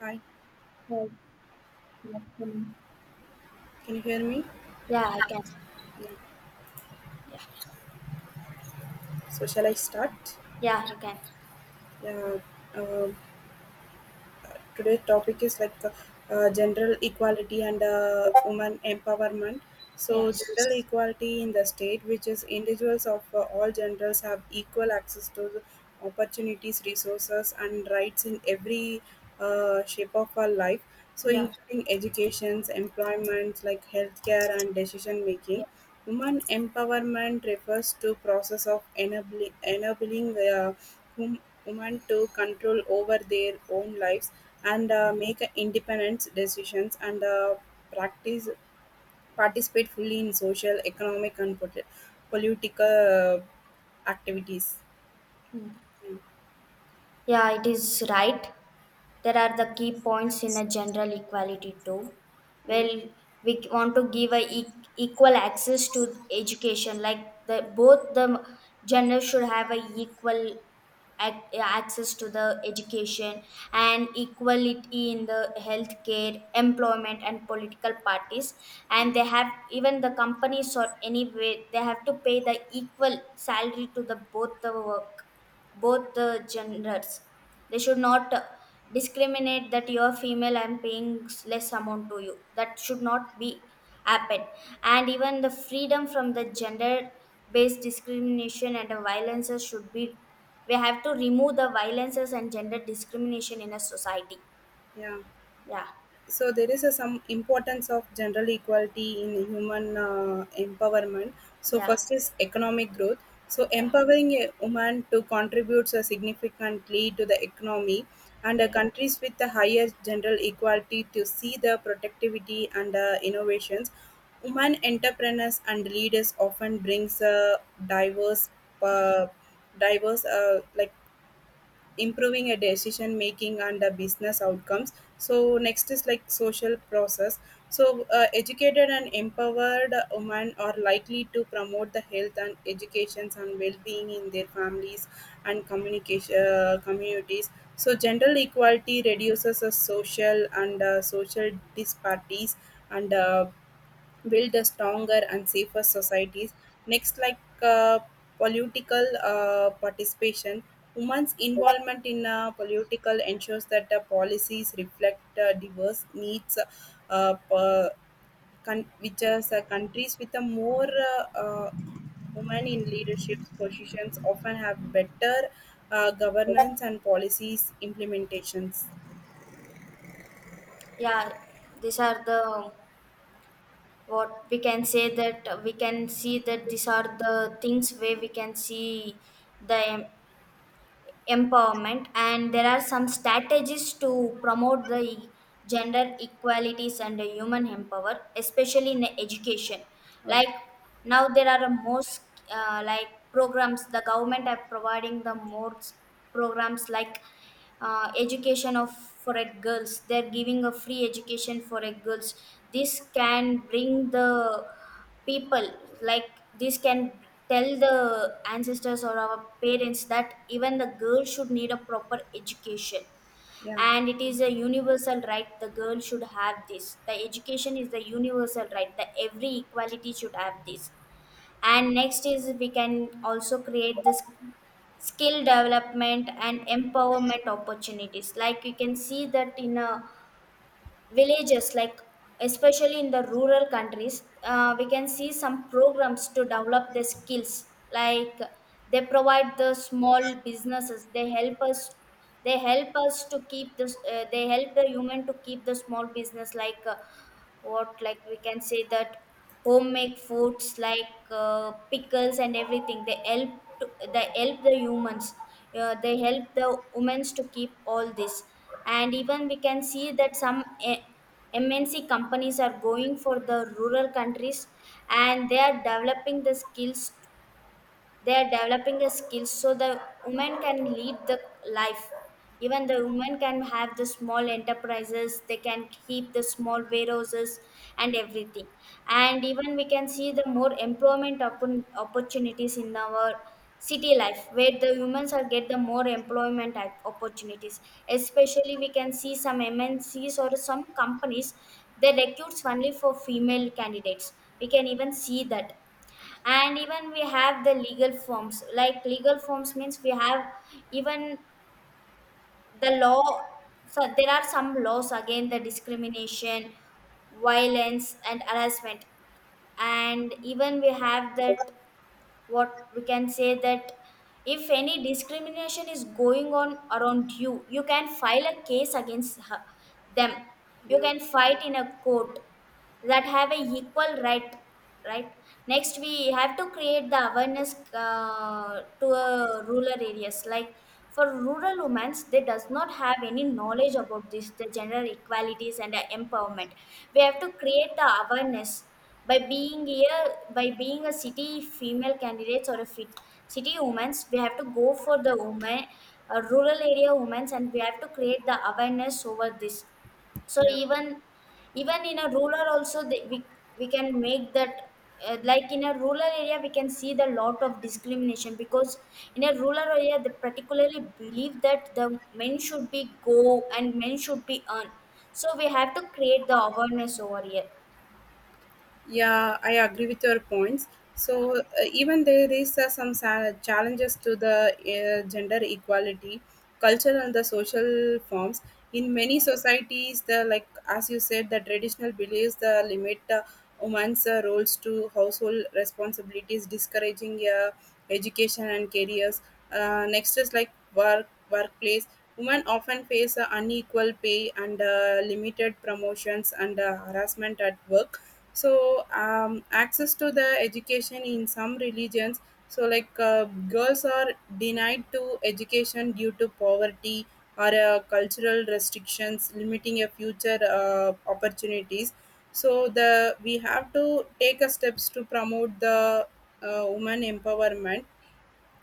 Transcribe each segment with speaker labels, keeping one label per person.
Speaker 1: Hi,
Speaker 2: Well, yeah, um,
Speaker 1: can you hear me?
Speaker 2: yeah, I can.
Speaker 1: Yeah.
Speaker 2: Yeah,
Speaker 1: So shall I start?
Speaker 2: yeah, I can.
Speaker 1: Yeah. Uh, today's topic is like general equality and woman empowerment. So
Speaker 2: Yes.
Speaker 1: general equality in the state, which is individuals of all genders have equal access to the opportunities, resources, and rights in every shape of our life. So
Speaker 2: Yeah.
Speaker 1: including educations, employment, like healthcare, and decision
Speaker 2: Yeah.
Speaker 1: making. Woman empowerment refers to process of enabling wom- women to control over their own lives and make independent decisions and practice participate fully in social, economic, and political activities.
Speaker 2: Mm.
Speaker 1: Hmm.
Speaker 2: Yeah, it is right. There are the key points in a general equality too.
Speaker 1: Yeah.
Speaker 2: Well, we want to give a equal access to education, like the both the gender should have a equal access to the education, and equality in the healthcare, employment and political parties. And they have, even the companies or anyway, they have to pay the equal salary to the both the work, both the genders. They should not discriminate that you're female, I'm paying less amount to you. That should not be happen. And even the freedom from the gender based discrimination and the violences should be, we have to remove the violences and gender discrimination in a society.
Speaker 1: Yeah.
Speaker 2: Yeah.
Speaker 1: So there is a, some importance of general equality in human empowerment. So
Speaker 2: Yeah.
Speaker 1: first is economic growth, so
Speaker 2: Yeah.
Speaker 1: empowering a woman to contribute so significantly to the economy and
Speaker 2: Yeah.
Speaker 1: countries with the higher general equality to see the productivity and innovations. Women entrepreneurs and leaders often brings a diverse
Speaker 2: Yeah.
Speaker 1: uh, like improving a decision making and the business outcomes. So next is like social process. So educated and empowered women are likely to promote the health and educations and well-being in their families and communication communities. So gender equality reduces the social and social disparities and build a stronger and safer societies. Next, like political participation, women's involvement in political ensures that the policies reflect diverse needs, uh, per, which is countries with a more uh, uh, women in leadership positions often have better governance and policies implementations.
Speaker 2: Yeah. These are the, what we can say, that we can see that these are the things where we can see the empowerment. And there are some strategies to promote the gender equalities and the human empower, especially in education. Like now there are most like programs the government are providing, the programs like education of, for a girls, they're giving a free education for a girls. This can bring the people, like this can tell the ancestors or our parents that even the girl should need a proper education,
Speaker 1: Yeah,
Speaker 2: and it is a universal right. The girl should have this, the education is the universal right, the every equality should have this. And next is we can also create this skill development and empowerment opportunities. Like you can see that in a villages, like especially in the rural countries, we can see some programs to develop the skills, like they provide the small businesses. They help us, they help us to keep this, they help the human to keep the small business, like what, like we can say that homemade foods, like pickles and everything, they help to, they help the humans, they help the women to keep all this. And even we can see that some MNC companies are going for the rural countries, and they are developing the skills, they are developing the skills, so the women can lead the life. Even the women can have the small enterprises, they can keep the small warehouses and everything. And even we can see the more employment opportunities in our city life, where the humans are get the more employment opportunities. Especially we can see some MNCs or some companies, they recruits only for female candidates, we can even see that. And even we have the legal forms, like legal forms means we have, even the law, so there are some laws against the discrimination, violence and harassment. And even we have that, what we can say that, if any discrimination is going on around you, you can file a case against her, them, you
Speaker 1: yeah,
Speaker 2: can fight in a court, that have a equal right, right. Next we have to create the awareness to rural areas. Like for rural women, they does not have any knowledge about this, the gender equalities and the empowerment. We have to create the awareness by being here, by being a city female candidates or a fit city women's, we have to go for the women, rural area women's, and we have to create the awareness over this. So
Speaker 1: yeah.
Speaker 2: even, even in a rural also they, we can make that, like in a rural area we can see the lot of discrimination, because in a rural area they particularly believe that the men should be go and men should be earn. So we have to create the awareness over here.
Speaker 1: Yeah, I agree with your points. So even there is challenges to the gender equality, cultural and the social forms. In many
Speaker 2: Yeah.
Speaker 1: societies, the like as you said, the traditional beliefs the limit the women's roles to household responsibilities, discouraging education and careers. Next is like work workplace. Women often face unequal pay and limited promotions and harassment at work. So access to the education in some religions. So like girls are denied to education due to poverty or cultural restrictions limiting a future opportunities. So the we have to take a steps to promote the woman empowerment.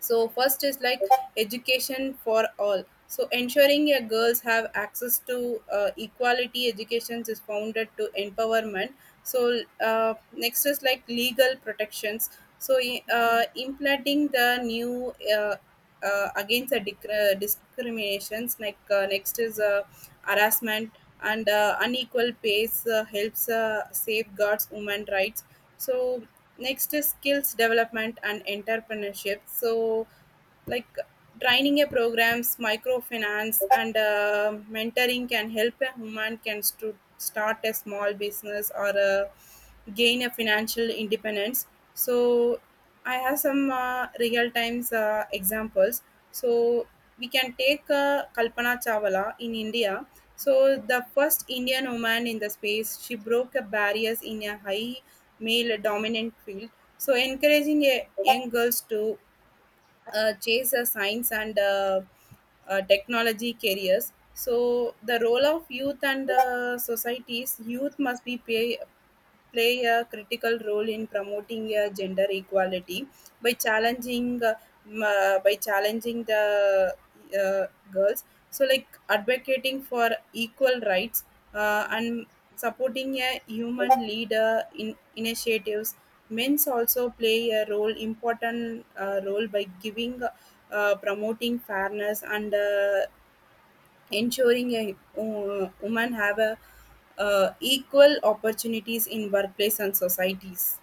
Speaker 1: So first is like education for all, so ensuring your girls have access to equality education is founded to empowerment. So next is like legal protections. So implementing the new against the discriminations. Like next is harassment and unequal pays helps safeguards women rights. So next is skills development and entrepreneurship. So, like training a programs microfinance and mentoring can help a human can start a small business or gain a financial independence. So I have some real times examples. So we can take Kalpana Chawla in India. So the first Indian woman in the space, she broke a barriers in a high male dominant field, so encouraging a young girls to chase science and technology careers. So the role of youth and societies, youth must be play play a critical role in promoting gender equality by challenging by challenging the uh, girls. So like advocating for equal rights and supporting a human leader in initiatives. Men's also play a role important role by giving promoting fairness and ensuring a woman have a equal opportunities in workplace and societies.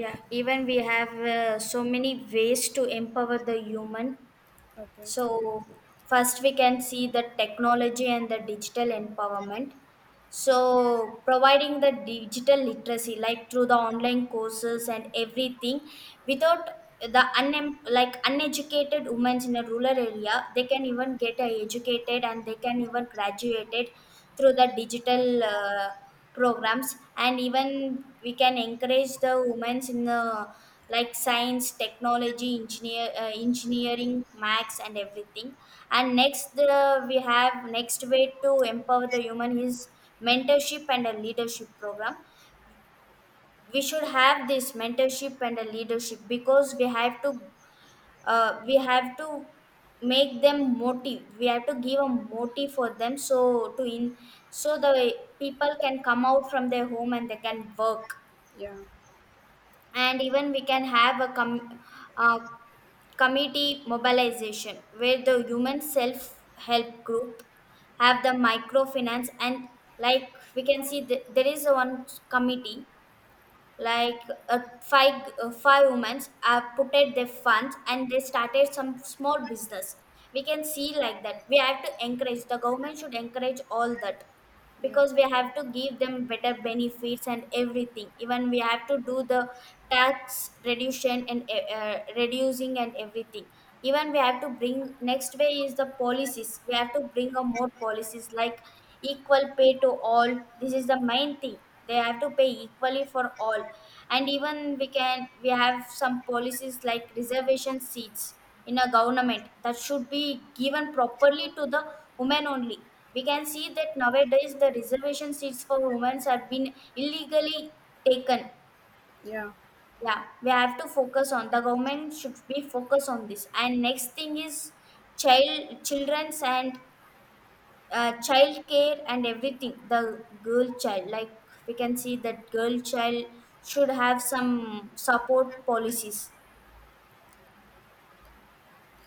Speaker 2: Yeah, even we have so many ways to empower the human.
Speaker 1: Okay.
Speaker 2: So first we can see the technology and the digital empowerment. So providing the digital literacy, like through the online courses and everything, without the like uneducated women in a rural area, they can even get educated and they can even graduated through the digital. Programs, and even we can encourage the women in the, like science technology engineer, engineering maths and everything. And next, the, we have next way to empower the human is mentorship and a leadership program. We should have this mentorship and a leadership, because we have to, we have to make them motive, we have to give a motive for them, so to in, so the people can come out from their home and they can work.
Speaker 1: Yeah.
Speaker 2: And even we can have a uh, committee mobilization, where the human self help group have the microfinance and, like we can see there is one committee, like uh, five women have put out their funds and they started some small business. We can see like that, we have to encourage, the government should encourage all that,
Speaker 1: Yeah.
Speaker 2: because we have to give them better benefits and everything. Even we have to do the tax reduction and reducing and everything. Even we have to bring, next way is the policies, we have to bring a more policies, like equal pay to all, this is the main thing, they have to pay equally for all. And even we can, we have some policies like reservation seats in a government, that should be given properly to the women only. We can see that nowadays the reservation seats for women have been illegally taken.
Speaker 1: Yeah.
Speaker 2: Yeah, we have to focus on the, government should be focus on this. And next thing is child, children's and child care and everything. The girl child, like we can see that girl child should have some support policies.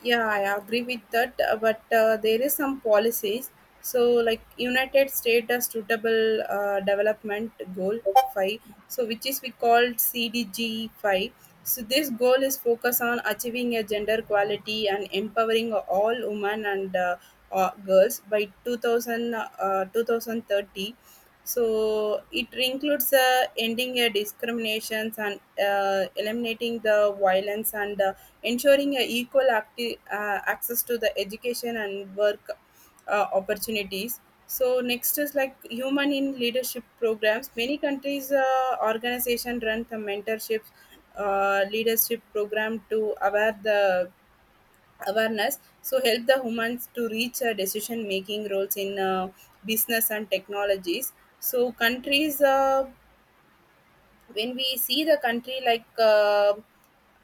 Speaker 1: Yeah, I agree with that, but there is some policies. So, like United States has suitable development goal five, so which is we called CDG five. So this goal is focused on achieving a gender equality and empowering all women and girls by 2000, 2030. So it includes ending discriminations and eliminating the violence and ensuring a equal access to the education and work opportunities. So next is like human in leadership programs. Many countries organization run the mentorship leadership program to aware the awareness. So help the humans to reach decision making roles in business and technologies. So countries when we see the country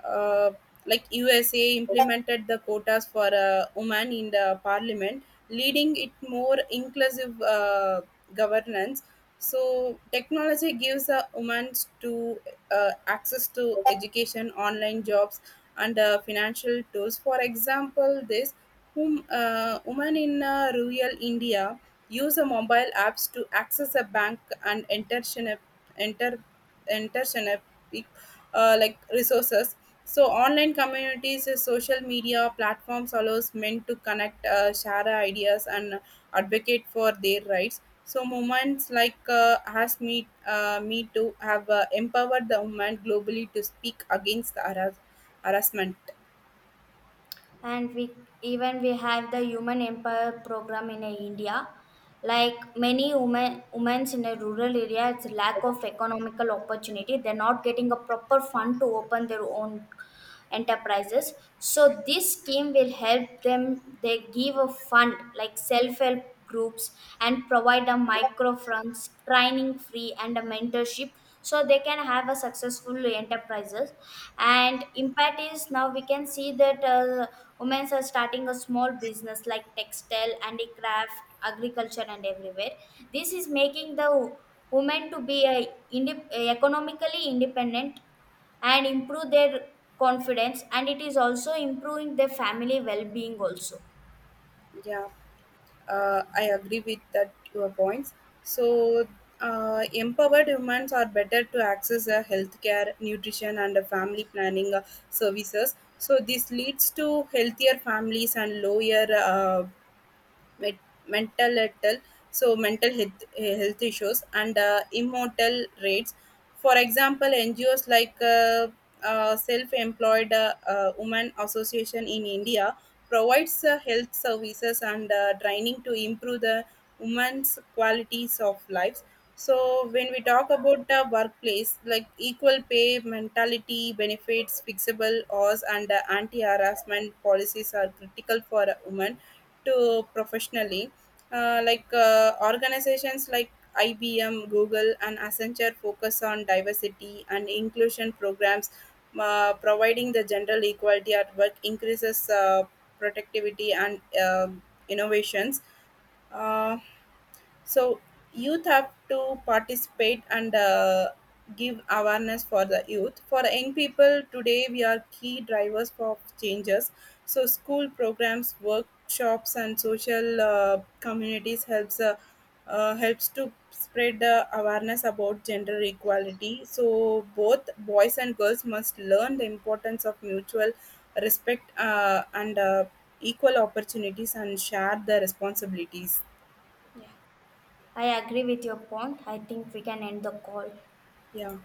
Speaker 1: uh, like USA implemented the quotas for women in the parliament, leading it more inclusive governance. So technology gives women to access to education, online jobs, and financial tools. For example, this whom women in rural India use a mobile apps to access a bank and enter, intersynaptic like resources. So online communities, social media platforms allows men to connect, share ideas, and advocate for their rights. So movements like has me me to have empowered the women globally to speak against the harassment.
Speaker 2: And we, even we have the human empower program in India. Like many women in a rural area, it's lack of economical opportunity, they're not getting a proper fund to open their own enterprises. So this scheme will help them, they give a fund like self-help groups, and provide a micro funds training free and a mentorship, so they can have a successful enterprises. And impact is, now we can see that women are starting a small business like textile, handicraft, agriculture and everywhere. This is making the women to be a economically independent and improve their confidence, and it is also improving their family well-being also.
Speaker 1: Yeah. I agree with that your points.
Speaker 2: Yeah.
Speaker 1: So, empowered women are better to access healthcare, nutrition, and
Speaker 2: Yes.
Speaker 1: family planning services. So, this leads to healthier families and lower met- mental health, so mental health, health issues and immortal rates. For example, NGOs like Self-Employed Women Association in India provides health services and training to improve the women's qualities of lives. So when we talk about the workplace, like equal pay mentality, benefits, fixable hours, and anti-harassment policies are critical for a woman to professionally. Like organizations like IBM, Google, and Accenture focus on diversity and inclusion programs. Providing the general equality at work increases productivity and innovations. Uh, so youth have to participate and give awareness for the youth. For the young people today, we are key drivers for changes. So school programs, workshops, and social communities helps helps to spread the awareness about gender equality. So both boys and girls must learn the importance of mutual respect and equal opportunities and share the responsibilities.
Speaker 2: Yeah, I agree with your point, I think we can end the call.
Speaker 1: Yeah.